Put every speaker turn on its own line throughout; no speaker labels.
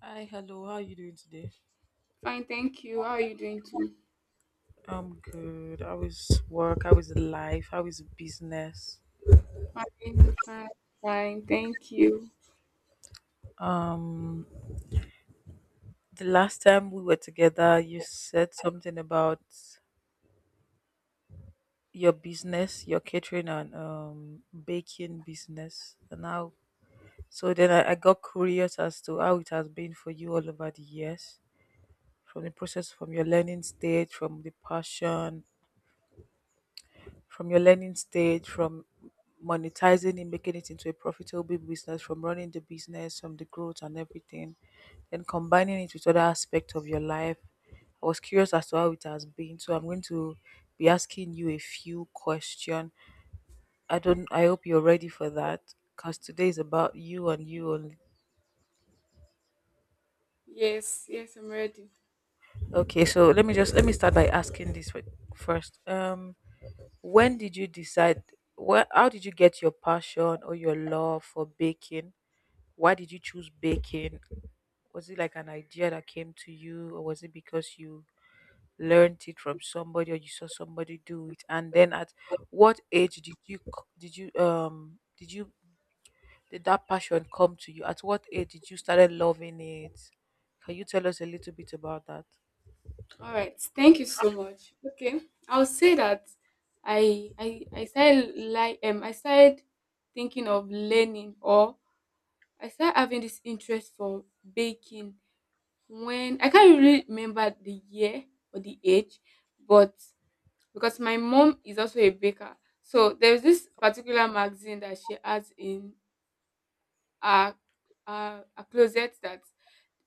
Hi, hello. How are you doing today?
Fine, thank you. How are you doing too?
I'm good. How is work? How is life? How is business?
Fine, fine, fine, thank you.
Um, the last time we were together, you said something about your business, your catering and baking business, and how. So then I got curious as to how it has been for you all over the years, from the process, from your learning stage, from the passion, from your learning stage, from monetizing it, making it into a profitable business, from running the business, from the growth and everything, then combining it with other aspects of your life. I was curious as to how it has been, so I'm going to be asking you a few questions. I don't. I hope you're ready for that, because today is about you and you only.
Yes, yes, I'm ready.
Okay, so let me start by asking first. When did you decide? How did you get your passion or your love for baking? Why did you choose baking? Was it like an idea that came to you, or was it because you learned it from somebody or you saw somebody do it? And then, at what age did you c- did you did you did that passion come to you? At what age did you started loving it? Can you tell us a little bit about that?
All right, thank you so much. Okay, I'll say that I started like I started thinking of learning, or I started having this interest for baking. When I can't really remember the year or the age, but because my mom is also a baker, so there's this particular magazine that she has in are are closet, that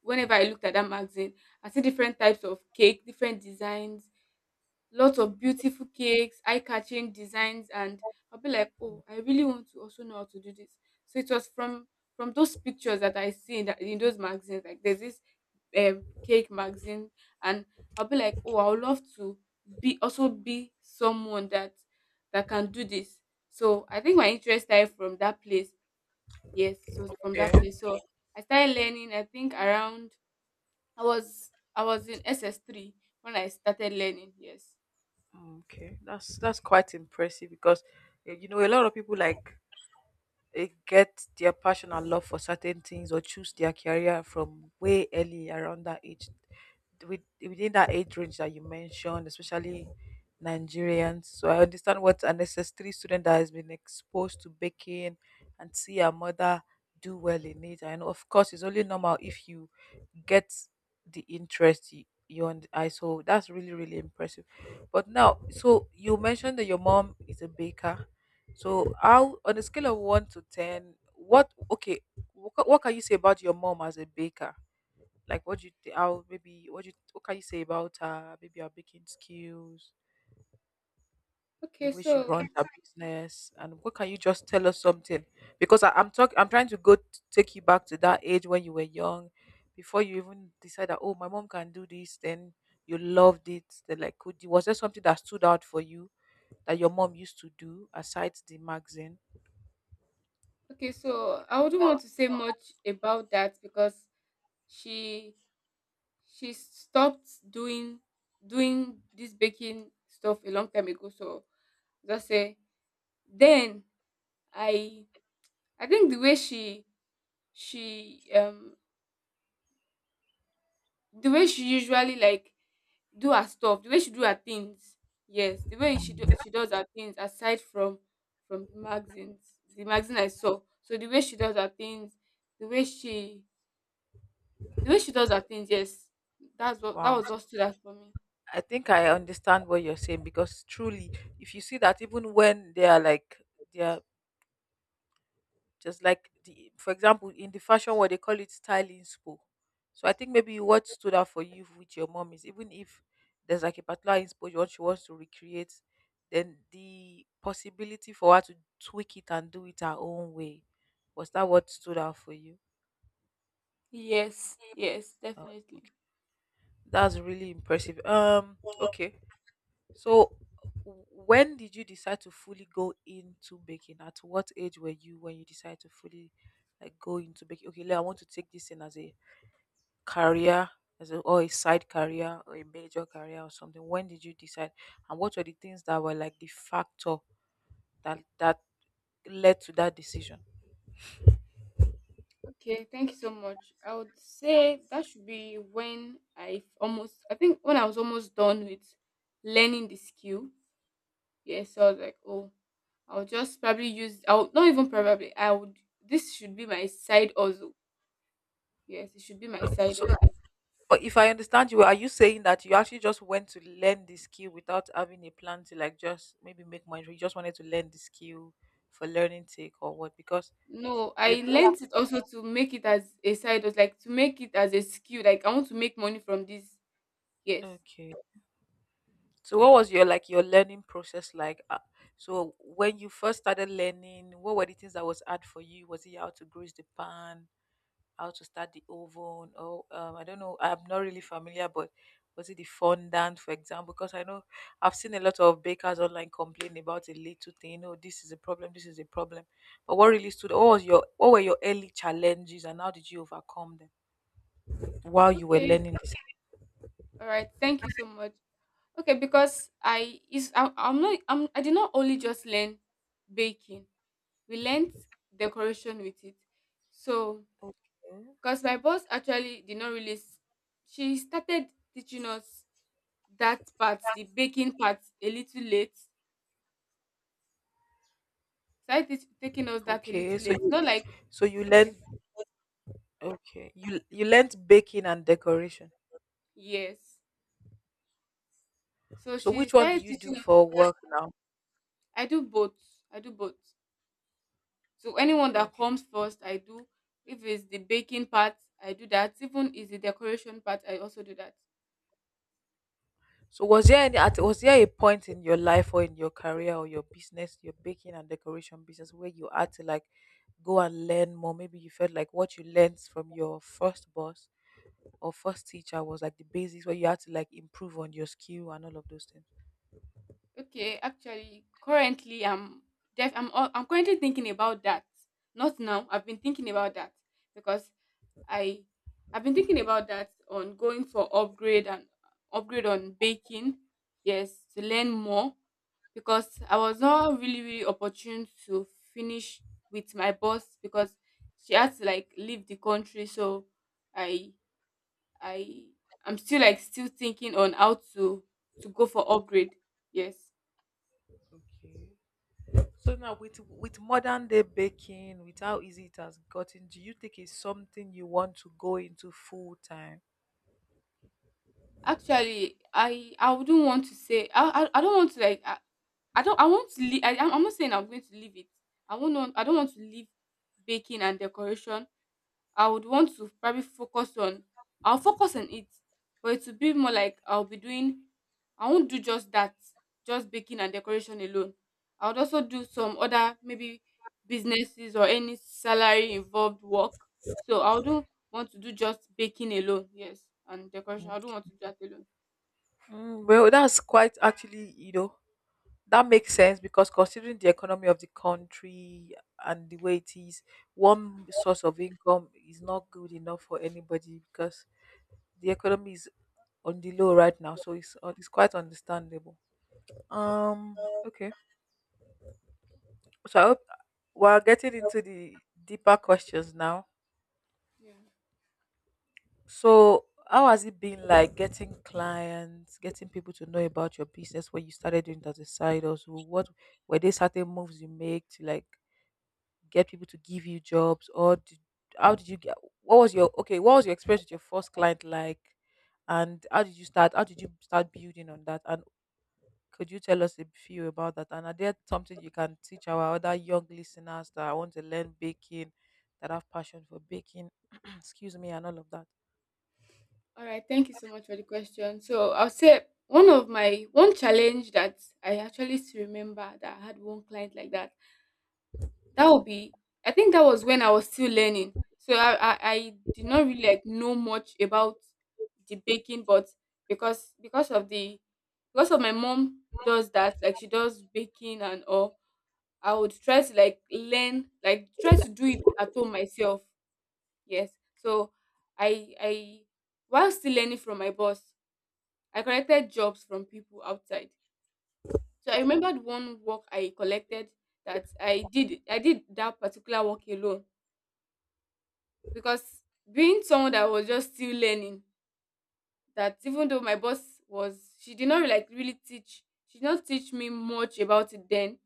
whenever I looked at that magazine, I see different types of cake, different designs, lots of beautiful cakes, eye-catching designs, and I'll be like, oh, I really want to also know how to do this. So it was from those pictures that I see in, that, in those magazines. Like there's this cake magazine, and I'll be like, oh, I would love to be also be someone that can do this. So I think my interest started from that place, yes, so from that
Yeah.
place, so I started learning. I think around, i was I was in SS3 when I started learning, yes.
Mm, okay, that's quite impressive because you know a lot of people they get their passion and love for certain things or choose their career from way early around that age within that age range that you mentioned, especially Nigerians. So I understand what an SS3 student that has been exposed to baking and see her mother do well in it. And of course it's only normal if you get the interest you, you und- I so that's really impressive. But now, so you mentioned that your mom is a baker. So, how on a scale of one to ten, what okay, what can you say about your mom as a baker? Like, what do you th- how maybe what do you what can you say about her? Maybe her baking skills, the
Okay,
way she
so
runs her business, and what can you just tell us something? Because I'm talking, I'm trying to take you back to that age when you were young, before you even decide that, oh, my mom can do this. Then you loved it. Then, like, was there something that stood out for you that your mom used to do aside the magazine?
okay, so I wouldn't want to say much about that because she she stopped doing this baking stuff a long time ago, so just say then, i I think the way she, she, the way she usually, like, do her stuff, the way she do her things, yes, the way she do, she does her things aside from the magazines, the magazine I saw. So the way she does her things, the way she, the way she does her things, yes, that's what, that
Wow.
was what stood out for me.
I think I understand what you're saying, because truly, if you see that even when they are just like the, for example, in the fashion world they call it style inspo. So I think maybe what stood out for you with your mom is, even if there's like a particular inspo what she wants to recreate, then the possibility for her to tweak it and do it her own way. Was that what stood out for you?
Yes, yes,
Oh,
definitely.
okay. That's really impressive. Okay. So, when did you decide to fully go into baking? At what age were you when you decided to fully like go into baking? Okay, like, I want to take this in as a career, or a side career or a major career or something. When did you decide, and what were the things that were like the factor that led to that decision?
Okay, thank you so much. I would say that should be when I almost, I think when I was almost done with learning the skill. Yeah, so I was like, oh, I'll just probably use. I'll not even probably. I would. This should be my side also. Yes, it should be my side
So,
also.
but if I understand you, well, are you saying that you actually just went to learn the skill without having a plan to like just maybe make money? You just wanted to learn the skill for learning sake or what? Because
No,
If
I learnt it also to make it as a side hustle, like to make it as a skill. Like I want to make money from this. Yes.
okay, so what was your like your learning process like? So when you first started learning, what were the things that was hard for you? Was it how to grease the pan, how to start the oven, or I don't know. I'm not really familiar, but was it the fondant, for example? Because I know I've seen a lot of bakers online complain about a little thing. Oh, this is a problem. This is a problem. But what really stood? What was your? What were your early challenges, and how did you overcome them while you were
Okay.
learning this?
All right. Thank you so much. Okay, because I'm I did not only just learn baking. We learnt decoration with it. So
Okay.
because my boss actually did not really, she started teaching us that part, the baking part, a little late. Started taking us that a
Okay,
little
so
late.
you,
Not like,
so you learned
okay,
Okay. You learnt baking and decoration.
yes. So
So
she
which one do
started
you do
teaching us.
for
Okay,
work now?
I do both. I do both. So anyone that
Okay.
comes first, I do. If it's the baking part, I do that. Even is the decoration part, I also do that.
So was there a point in your life or in your career or your business, your baking and decoration business, where you had to like go and learn more? Maybe you felt like what you learnt from your first boss or first teacher was like the basics, where you had to like improve on your skill and all of those things.
Okay, actually, currently I'm def- I'm al- I'm currently thinking about that. Not now. I've been thinking about that because I I've been thinking about that, on going for upgrade and upgrade on baking. Yes, to learn more because I was not really really opportune to finish with my boss because she had to like leave the country. So I I I'm still like still thinking on how to go for upgrade. Yes,
Okay. So now with modern day baking, with how easy it has gotten, do you think it's something you want to go into full time?
actually I wouldn't want to say I don't want to like I don't I want to leave, I'm not saying I'm going to leave it. I don't want to leave baking and decoration. I would want to probably focus on, I'll focus on it. But it will be more like I'll be doing, I won't do just that, just baking and decoration alone. I would also do some other maybe businesses or any salary involved work. So I don't want to do just baking alone, yes, and decoration. I don't want to do that alone.
Mm, well, that's quite actually, you know, that makes sense because considering the economy of the country and the way it is, one source of income is not good enough for anybody because the economy is on the low right now. So it's quite understandable. Um, okay. So I hope we're getting into the deeper questions now. So, how has it been like getting clients, getting people to know about your business when you started doing it as a side hustle? What were there certain moves you make to like get people to give you jobs, or did, how did you get? What was your okay? What was your experience with your first client like, and how did you start? How did you start building on that? And could you tell us a few about that? And are there something you can teach our other young listeners that want to learn baking, that have passion for baking? Excuse me, and all of that.
All right, thank you so much for the question. So I'll say one of my, one challenge that I actually still remember, that I had one client like that. That would be, I think that was when I was still learning. So I did not really like know much about the baking, but because of the because of my mom does that, like she does baking and all, I would try to like learn, like try to do it at home myself. Yes. So I while still learning from my boss, I collected jobs from people outside. So I remembered one work I collected, that I did that particular work alone, because being someone that was just still learning, that even though my boss was, she did not like really teach, she did not teach me much about it then.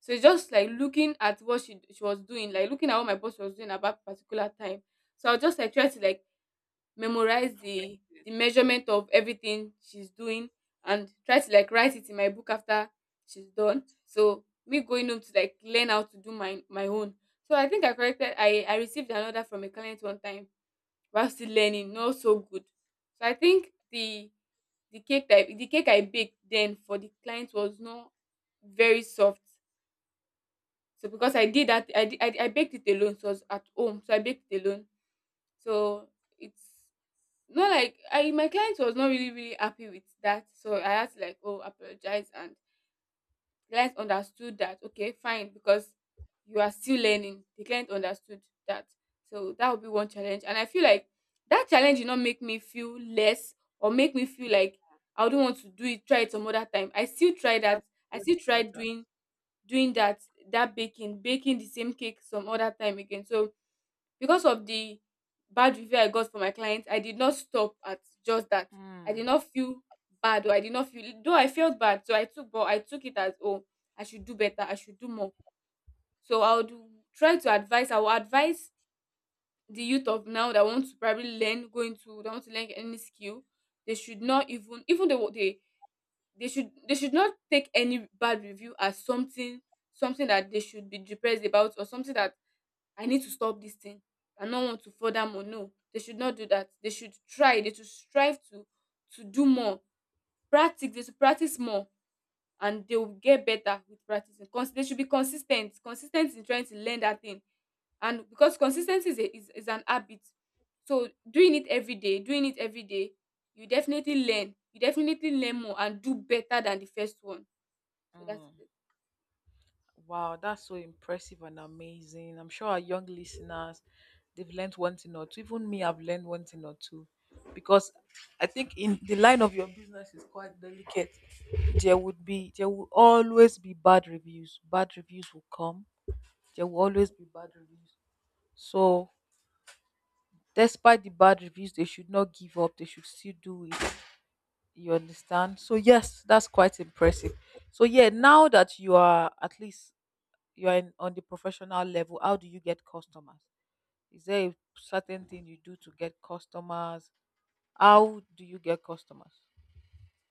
So it's just like looking at what she was doing, like looking at what my boss was doing at that particular time. So I was just like trying to like memorize the
Recreate it.
measurement of everything she's doing, and try to like write it in my book after she's done. So me going home to like learn how to do my own. So I think I corrected, I received an order from a client one time while still learning, not so good. So I think the cake I baked then for the client was not very soft. So because I did that, I I baked it alone. So I was at home, so I baked it alone. So it's not like I my client was not really really happy with that, so I had to like apologize, and client understood that, okay, fine, because you are still learning. The client understood that, so that would be one challenge. And I feel like that challenge did not make me feel less or make me feel like I don't want to do it. Try it some other time. I still try that.
That's
I
so
still tried
important.
doing doing that that baking baking the same cake some other time again. So because of the bad review I got from my clients, I did not stop at just that. I
Mm,
did not feel bad, or I did not feel, though I felt bad, so I took it as, oh, I should do better, I should do more. So I would try to advise, I will advise the youth of now that want to probably learn, go into, that want to learn any skill, they should not, even even though they, they should not take any bad review as something, something that they should be depressed about, or something that I need to stop this thing. I don't want to further more. No, they should not do that. They should try. They should strive to do more. Practice. They should practice more, and they will get better with practicing. They should be consistent. Consistent in trying to learn that thing, and because consistency is, a, is an habit, so doing it every day, doing it every day, you definitely learn. You definitely learn more and do better than the first one. So that's
mm.
it.
Wow, that's so impressive and amazing. I'm sure our young listeners, they've learned one thing or two. Even me, I've learned one thing or two. Because I think in the line of your business is quite delicate. There will always be bad reviews. Bad reviews will come. There will always
Definitely.
be bad reviews. So, despite the bad reviews, they should not give up. They should still do it. You understand? So yes, that's quite impressive. So yeah, now that you are at least you are in, on the professional level, how do you get customers? Is there a certain thing you do to get customers? How do you get customers?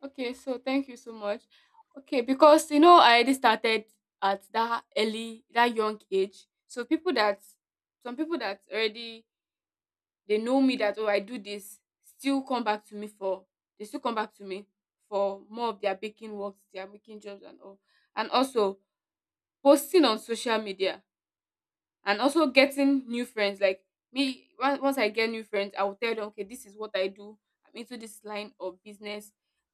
Okay, so thank you so much. Okay, because you know I already started at that early, that young age. So people that, some people that already, they know me that, oh, I do this, still come back to me for, they still come back to me for more of their baking works, their making jobs and all. And also posting on social media, and also getting new friends. Like me, once I get new friends, I will tell them, okay, this is what I do, I'm into this line of business.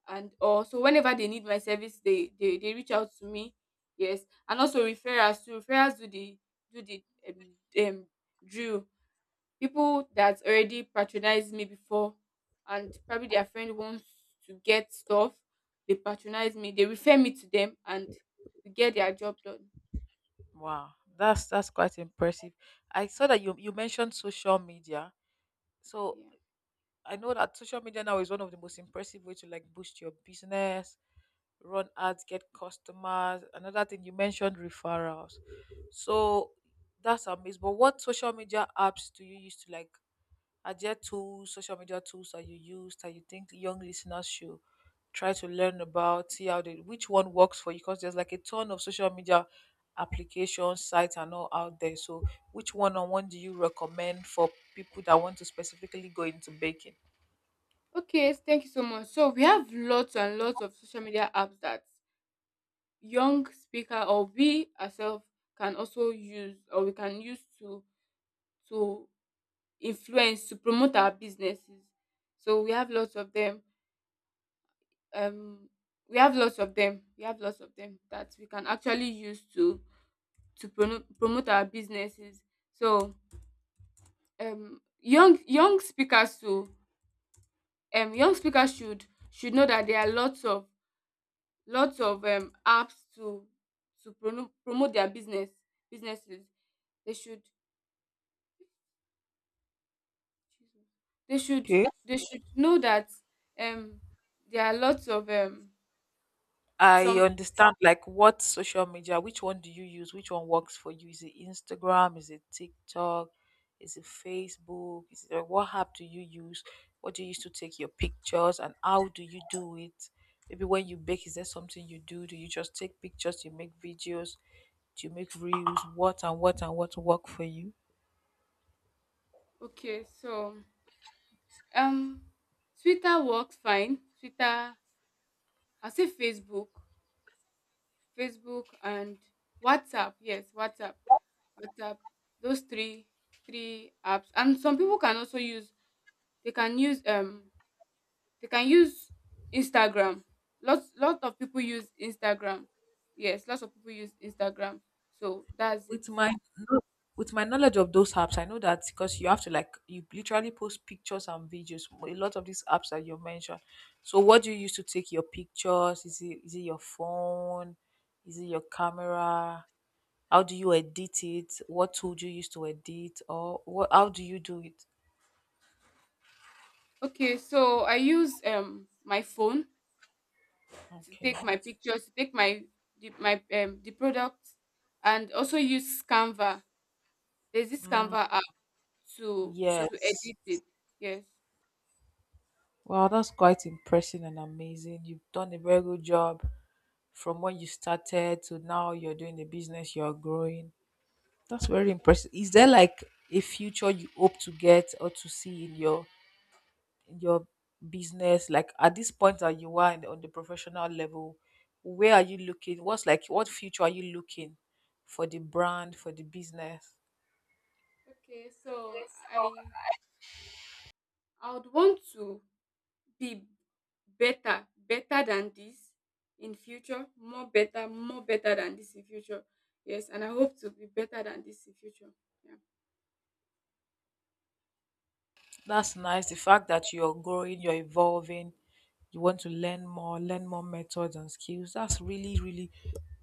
And also whenever they need my service, they reach out to me, yes. And also referrals too. Referrals do the, do the drill. People that already patronized me before, and probably their friend wants to get stuff, they patronize me, they refer me to them, and we get their job done.
Wow, that's quite impressive. I saw that you mentioned social media. So
Yeah.
I know that social media now is one of the most impressive way to like boost your business, run ads, get customers. Another thing, you mentioned referrals. So that's amazing. But what social media apps do you use to like social media tools that you use that you think young listeners should try to learn about, see how they which one works for you, because there's like a ton of social media applications, sites and all out there. So which one on one do you recommend for people that want to specifically go into baking?
Okay, thank you so much. So we have lots and lots of social media apps that young speaker, or we ourselves can also use, or we can use to influence, to promote our businesses. So we have lots of them. Um, we have lots of them. We have lots of them that we can actually use to promote our businesses. So young speakers to, young speakers should know that there are lots of, apps to promote their businesses. They should, they should
Okay.
they should know that, um there are lots of
I
some
understand, like, what social media, which one do you use? Which one works for you? Is it Instagram? Is it TikTok? Is it Facebook? Is it, like, what app do you use? What do you use to take your pictures and how do you do it? Maybe when you bake, is there something you do? Do you just take pictures? Do you make videos? Do you make reels? What work for you?
okay, so um Twitter works fine. Twitter, I say Facebook, Facebook, and WhatsApp. Yes, WhatsApp, WhatsApp. Those 3 apps. And some people can also use, they can use they can use Instagram. Lot of people use Instagram. Yes, lots of people use Instagram. So that's it.
With my knowledge of those apps, I know that because you have to like you literally post pictures and videos. A lot of these apps that you mentioned. So, what do you use to take your pictures? Is it your phone? Is it your camera? How do you edit it? What tool do you use to edit? Or what? How do you do it?
Okay, so I use my phone to
Okay.
take my pictures, to take my the product, and also use Canva. There's this Canva app to to
Yes.
edit it. Yes.
Wow, that's quite impressive and amazing. You've done a very good job from when you started to now. You're doing the business. You're growing. That's very impressive. Is there like a future you hope to get or to see in your in your business? Like at this point that you are in, on the professional level, where are you looking? What's like what future are you looking for the brand, for the business?
Okay, so I I would want to be better than this in future, more better than this in future, yes, and I hope to be better than this in future, yeah.
That's nice. The fact that you're growing, you're evolving, you want to learn more methods and skills. That's really, really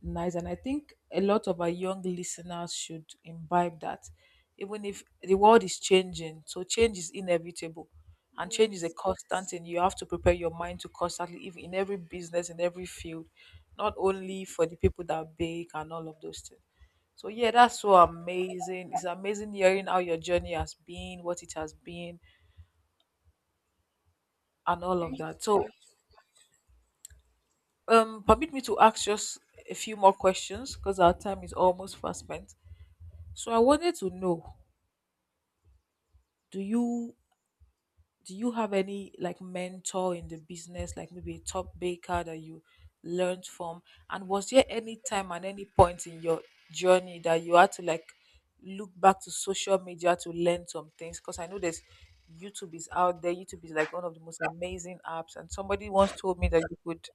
nice. And I think a lot of our young listeners should imbibe that. Even if the world is changing, so change is inevitable. And change is a
Yes.
constant thing. You have to prepare your mind to constantly, if in every business, in every field, not only for the people that bake and all of those things. So yeah, that's so amazing. It's amazing hearing how your journey has been, what it has been, and all of
Thank you so
that. So,
much.
permit me to ask just a few more questions because our time is almost fast spent. So, I wanted to know, do you do you have any like mentor in the business, like maybe a top baker that you learned from? And was there any time and any point in your journey that you had to like look back to social media to learn some things? Because I know there's YouTube is out there. YouTube is like one of the most amazing apps, and somebody once told me that you could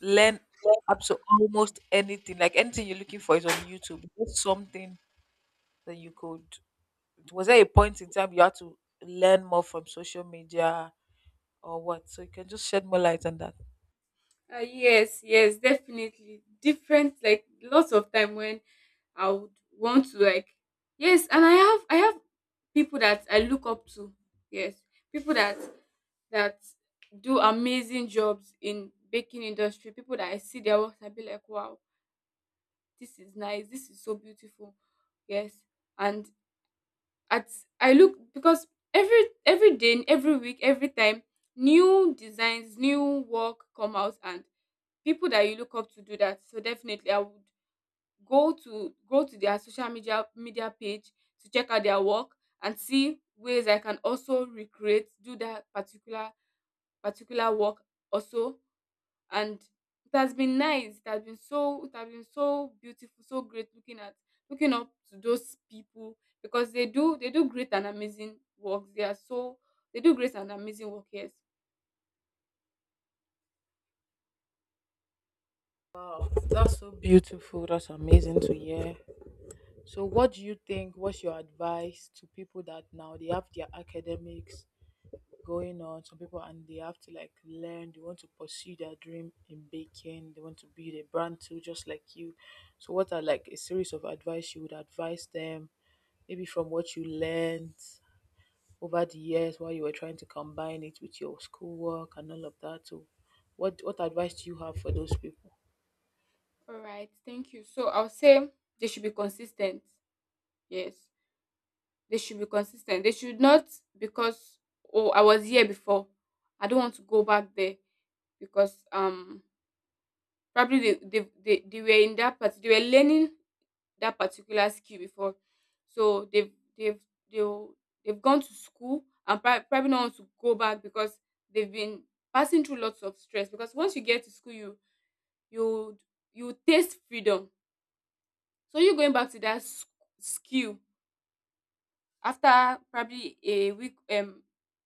learn up to almost anything. Like anything you're looking for is on YouTube. What's something that you could? Was there a point in time you had to learn more from social media or what? So you can just shed more light on that.
Yes, yes, definitely, different like lots of time when I would want to like, yes, and I have people that I look up to, yes, people that do amazing jobs in baking industry. People that I see their work, I be like, wow, this is nice, this is so beautiful. Yes. And at I look because every day, every week, every time, new designs, new work come out and people that you look up to do that. So definitely I would go to their social media page to check out their work and see ways I can also recreate, do that particular particular work also. And it has been nice it has been so it has been so beautiful, so great, looking at looking up to those people because they do great and amazing work. They are so, they do great and amazing work, yes.
Wow, that's so beautiful. That's amazing to hear. So, what do you think? What's your advice to people that now they have their academics going on? Some people and they have to like learn. They want to pursue their dream in baking. They want to build a brand too, just like you. So, what are like a series of advice you would advise them? Maybe from what you learned over the years while you were trying to combine it with your schoolwork and all of that. So, what advice do you have for those people?
All right, thank you. So I'll say they should be consistent, yes. They should be consistent, they should not, because, oh, I was here before, I don't want to go back there, because probably they were in that part, they were learning that particular skill before. So they've they've they've gone to school and probably not want to go back because they've been passing through lots of stress. Because once you get to school, you you taste freedom. So you going back to that skill after probably a week,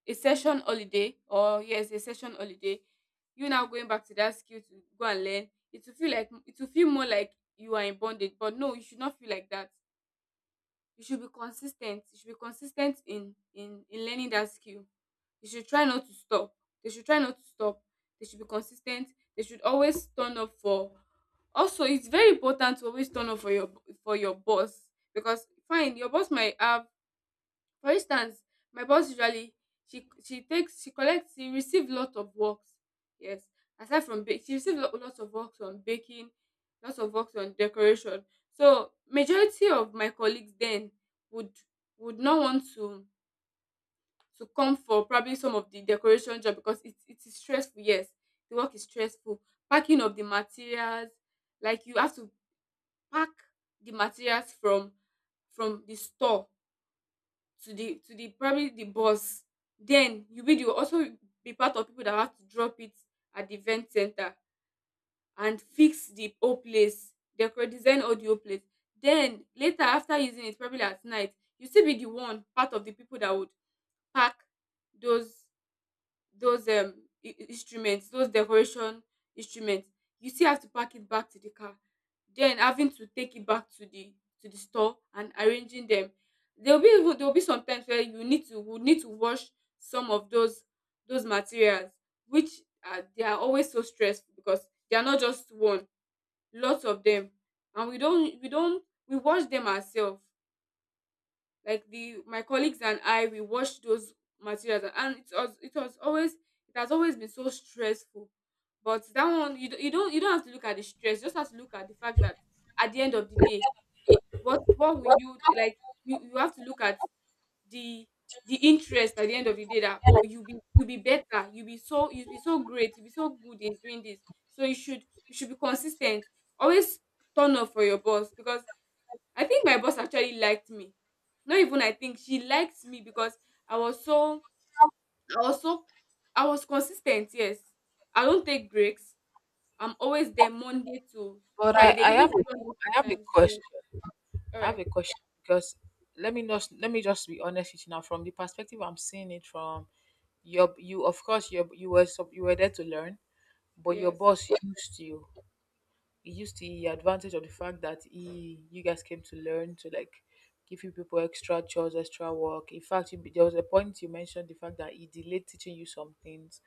a session holiday, or yes, a session holiday, you now going back to that skill to go and learn, it will feel like, it will feel more like you are in bondage. But no, you should not feel like that. You should be consistent, you should be consistent in learning that skill. You should try not to stop, they should try not to stop, they should be consistent. They should always turn up for, also it's very important to always turn up for your boss because, fine, your boss might have, for instance, my boss usually she takes she collects she receive lot of works. Yes. Aside from bake, she receive lots of works on baking, lots of works on decoration. So majority of my colleagues then would would not want to come for probably some of the decoration job because it is stressful, yes. The work is stressful. Packing of the materials, like you have to pack the materials from the store to the probably the bus. Then you be the, also be part of people that have to drop it at the event center and fix the whole place, decor design all the whole place. Then later, after using it, probably at night, you still be the one, part of the people that would pack those those um instruments, those decoration instruments. You still have to pack it back to the car. Then having to take it back to the store and arranging them. There'll be, even there'll be some times where you need to would need to wash some of those materials, which are, they are always so stressful because they are not just one, lots of them. And we don't we don't we wash them ourselves, like the my colleagues and I, we watched those materials, and it was always it has always been so stressful. But that one you, don't- you don't you don't have to look at the stress. You just have to look at the fact that at the end of the day, what will you like, you have to look at the the interest at the end of the day, that, oh, you be, you be better, you be so, you be so great, you be so good in doing this. So you should be consistent. Always turn up for your boss because I think my boss actually liked me. Not even I think, she liked me because I was so I was so I was consistent, yes. I don't take breaks. I'm always there Monday to
But I,
Friday,
I
even
have a,
Sunday
I have a
sometimes. Yes.
question.
All
I have
right.
a question because let me just be honest with you now. From the perspective I'm seeing it from, you of course you you were there to learn, but your
Yes.
boss used you. He used the advantage of the fact that he you guys came to learn to like give you people extra chores, extra work. In fact, you, there was a point you mentioned the fact that he delayed teaching you some things.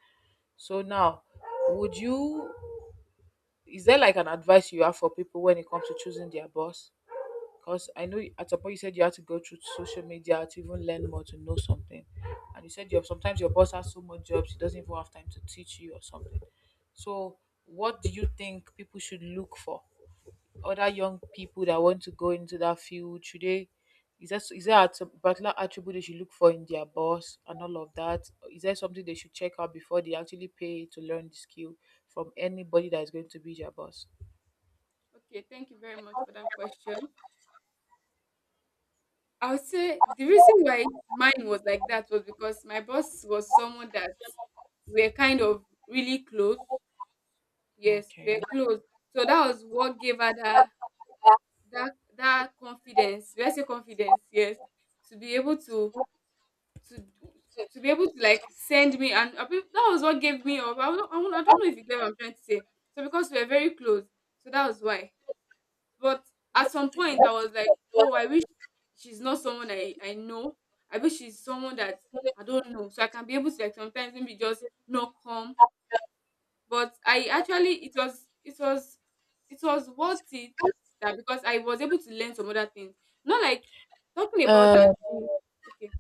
So now, would you is there like an advice you have for people when it comes to choosing their boss? Because I know at a point you said you had to go through social media to even learn more, to know something. And you said you sometimes your boss has so much jobs, he doesn't even have time to teach you or something. So, what do you think people should look for? Other young people that want to go into that field, should they? Is there a particular attribute they should look for in their boss and all of that? Is there something they should check out before they actually pay to learn the skill from anybody that is going to be their boss?
Okay, thank you very much for that question. I would say the reason why mine was like that was because my boss was someone that we are kind of really close. Yes, we are
Okay.
close. So that was what gave her that confidence, let's say confidence, yes, to be able to to be able to like send me, and that was what gave me up. I don't know if you get what I'm trying to say. So because we were very close, so that was why. But at some point I was like, oh, I wish she's not someone I know, I wish she's someone that I don't know, so I can be able to like sometimes maybe just not come. But I actually, it was it was it was worth it, that, because I was able to learn some other things. Not like talking about
Okay.
that. Okay.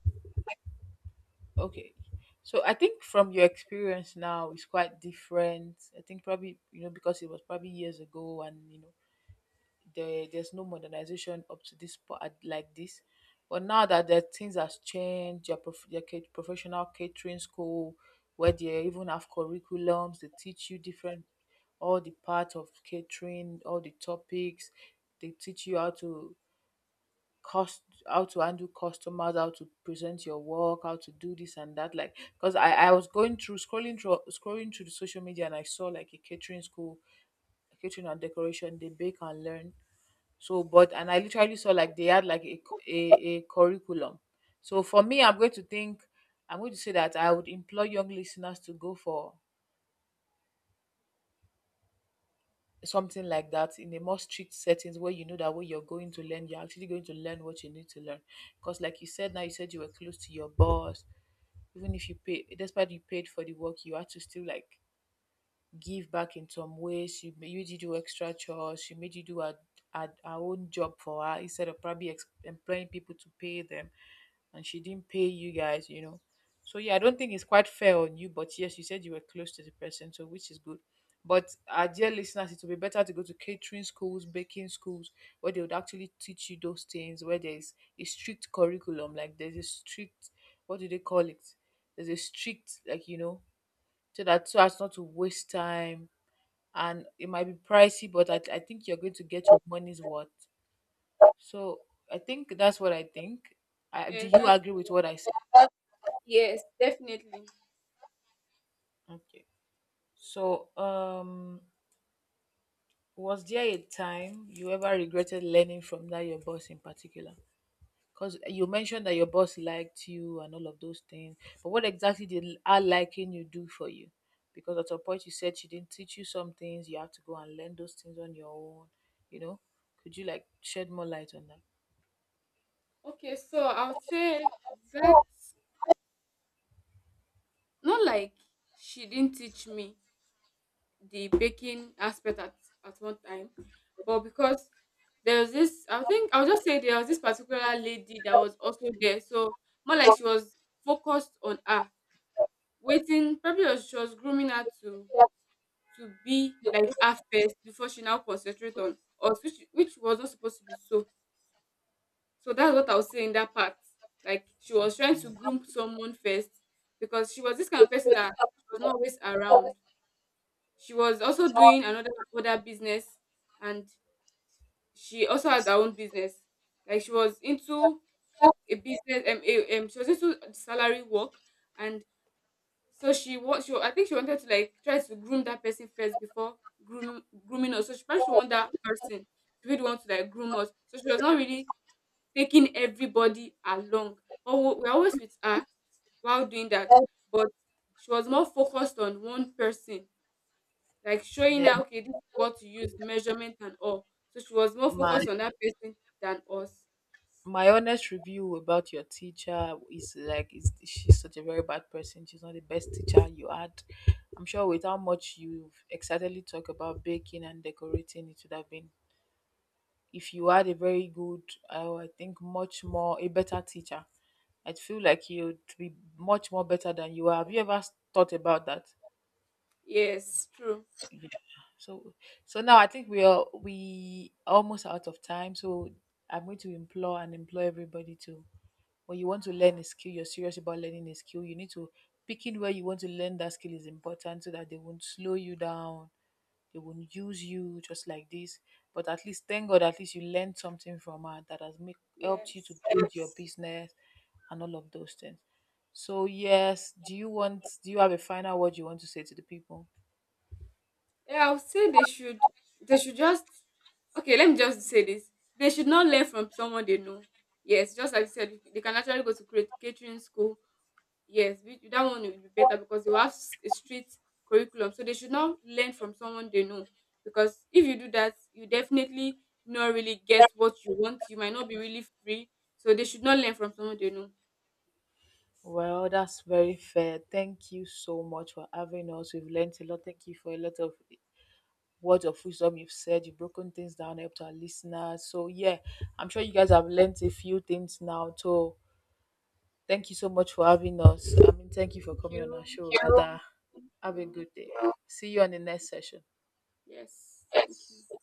Okay. So I think from your experience now it's quite different. I think probably, you know, because it was probably years ago and you know there's no modernization up to this part like this. But now that the things has changed, your, your professional catering school where they even have curriculums, they teach you different, all the parts of catering, all the topics. They teach you how to cost, how to handle customers, how to present your work, how to do this and that. Like because I was going through scrolling through the social media and I saw like a catering school, catering and decoration, they bake and learn. So but and I literally saw like they had like a a curriculum. So for me, I'm going to say that I would employ young listeners to go for something like that in a more strict settings where you know that what you're going to learn, you're actually going to learn what you need to learn. Because like you said, now you said you were close to your boss. Even if you pay, despite you paid for the work, you had to still like give back in some way. She made you do extra chores. She made you do her own job for her instead of probably employing people to pay them. And she didn't pay you guys, you know. So yeah, I don't think it's quite fair on you. But yes, you said you were close to the person, so which is good. But our dear listeners, it would be better to go to catering schools, baking schools, where they would actually teach you those things, where there's a strict curriculum, like there's a strict, what do they call it? There's a strict, like, you know, so that, so as not to waste time. And it might be pricey, but I think you're going to get your money's worth. So I think that's what I think. I, do
Yes,
you
that's
agree with
true.
what I said?
Yes, definitely.
Okay. So, was there a time you ever regretted learning from that your boss in particular? Because you mentioned that your boss liked you and all of those things, but what exactly did her liking you do for you? Because at a point you said she didn't teach you some things, you have to go and learn those things on your own. You know, could you like shed more light on
Okay, so I would say that's not like she didn't teach me the baking aspect at one time, but because there was this, I think I'll just say there was this particular lady that was also there. So more like she was focused on her, waiting, probably she was grooming her to be
that?
like her first before she now concentrate on us, which was not supposed to be so. So that's what I was saying in that part, like she was trying to groom someone first, because she was this kind of person that she was not always around. She was also doing another other business, and she also has her own business. Like she was into a business, she was into salary work. And, so she wants, she, I think she wanted to like try to groom that person first before grooming us. So she probably should want that person to be the one to like groom us. So she was not really taking everybody along. But we're always with her while doing that. But she was more focused on one person, like showing
Then
her, okay, this is what to use, the measurement and all. So she was more
my
focused on that person than us.
my honest review about your teacher is she's such a very bad person. She's not the best teacher you had. I'm sure with how much you've excitedly talked about baking and decorating, it would have been if you had a very good, I think much more a better teacher. I feel like you'd be much more better than you are. Have you ever thought about that?
Yes, true.
Yeah. So, so now I think we are almost out of time. So I'm going to implore and implore everybody to, when you want to learn a skill, you're serious about learning a skill, you need to, picking where you want to learn that skill is important so that they won't slow you down, they won't use you just like this. But at least thank God, at least you learned something from her that has make, helped you to
Yes.
build your business and all of those things. So yes, do you have a final word you want to say to the people?
Yeah, I would say they should, they should just, okay, let me just say this. They should not learn from someone they know. Yes, just like you said, they can actually go to create catering school. Yes, that one will be better because they will have a strict curriculum. So they should not learn from someone they know. Because if you do that, you definitely not really get what you want. You might not be really free. So they should not learn from someone they know.
Well, that's very fair. Thank you so much for having us. We've learned a lot. Thank you for a lot of words of wisdom you've said. You've broken things down, helped our listeners. So, yeah, I'm sure you guys have learned a few things now. So, thank you so much for having us. I mean, thank you for
Thank
coming on our
you.
show. You.
Thank
Have a
you.
good day. See you on the next session.
Yes. Thank you.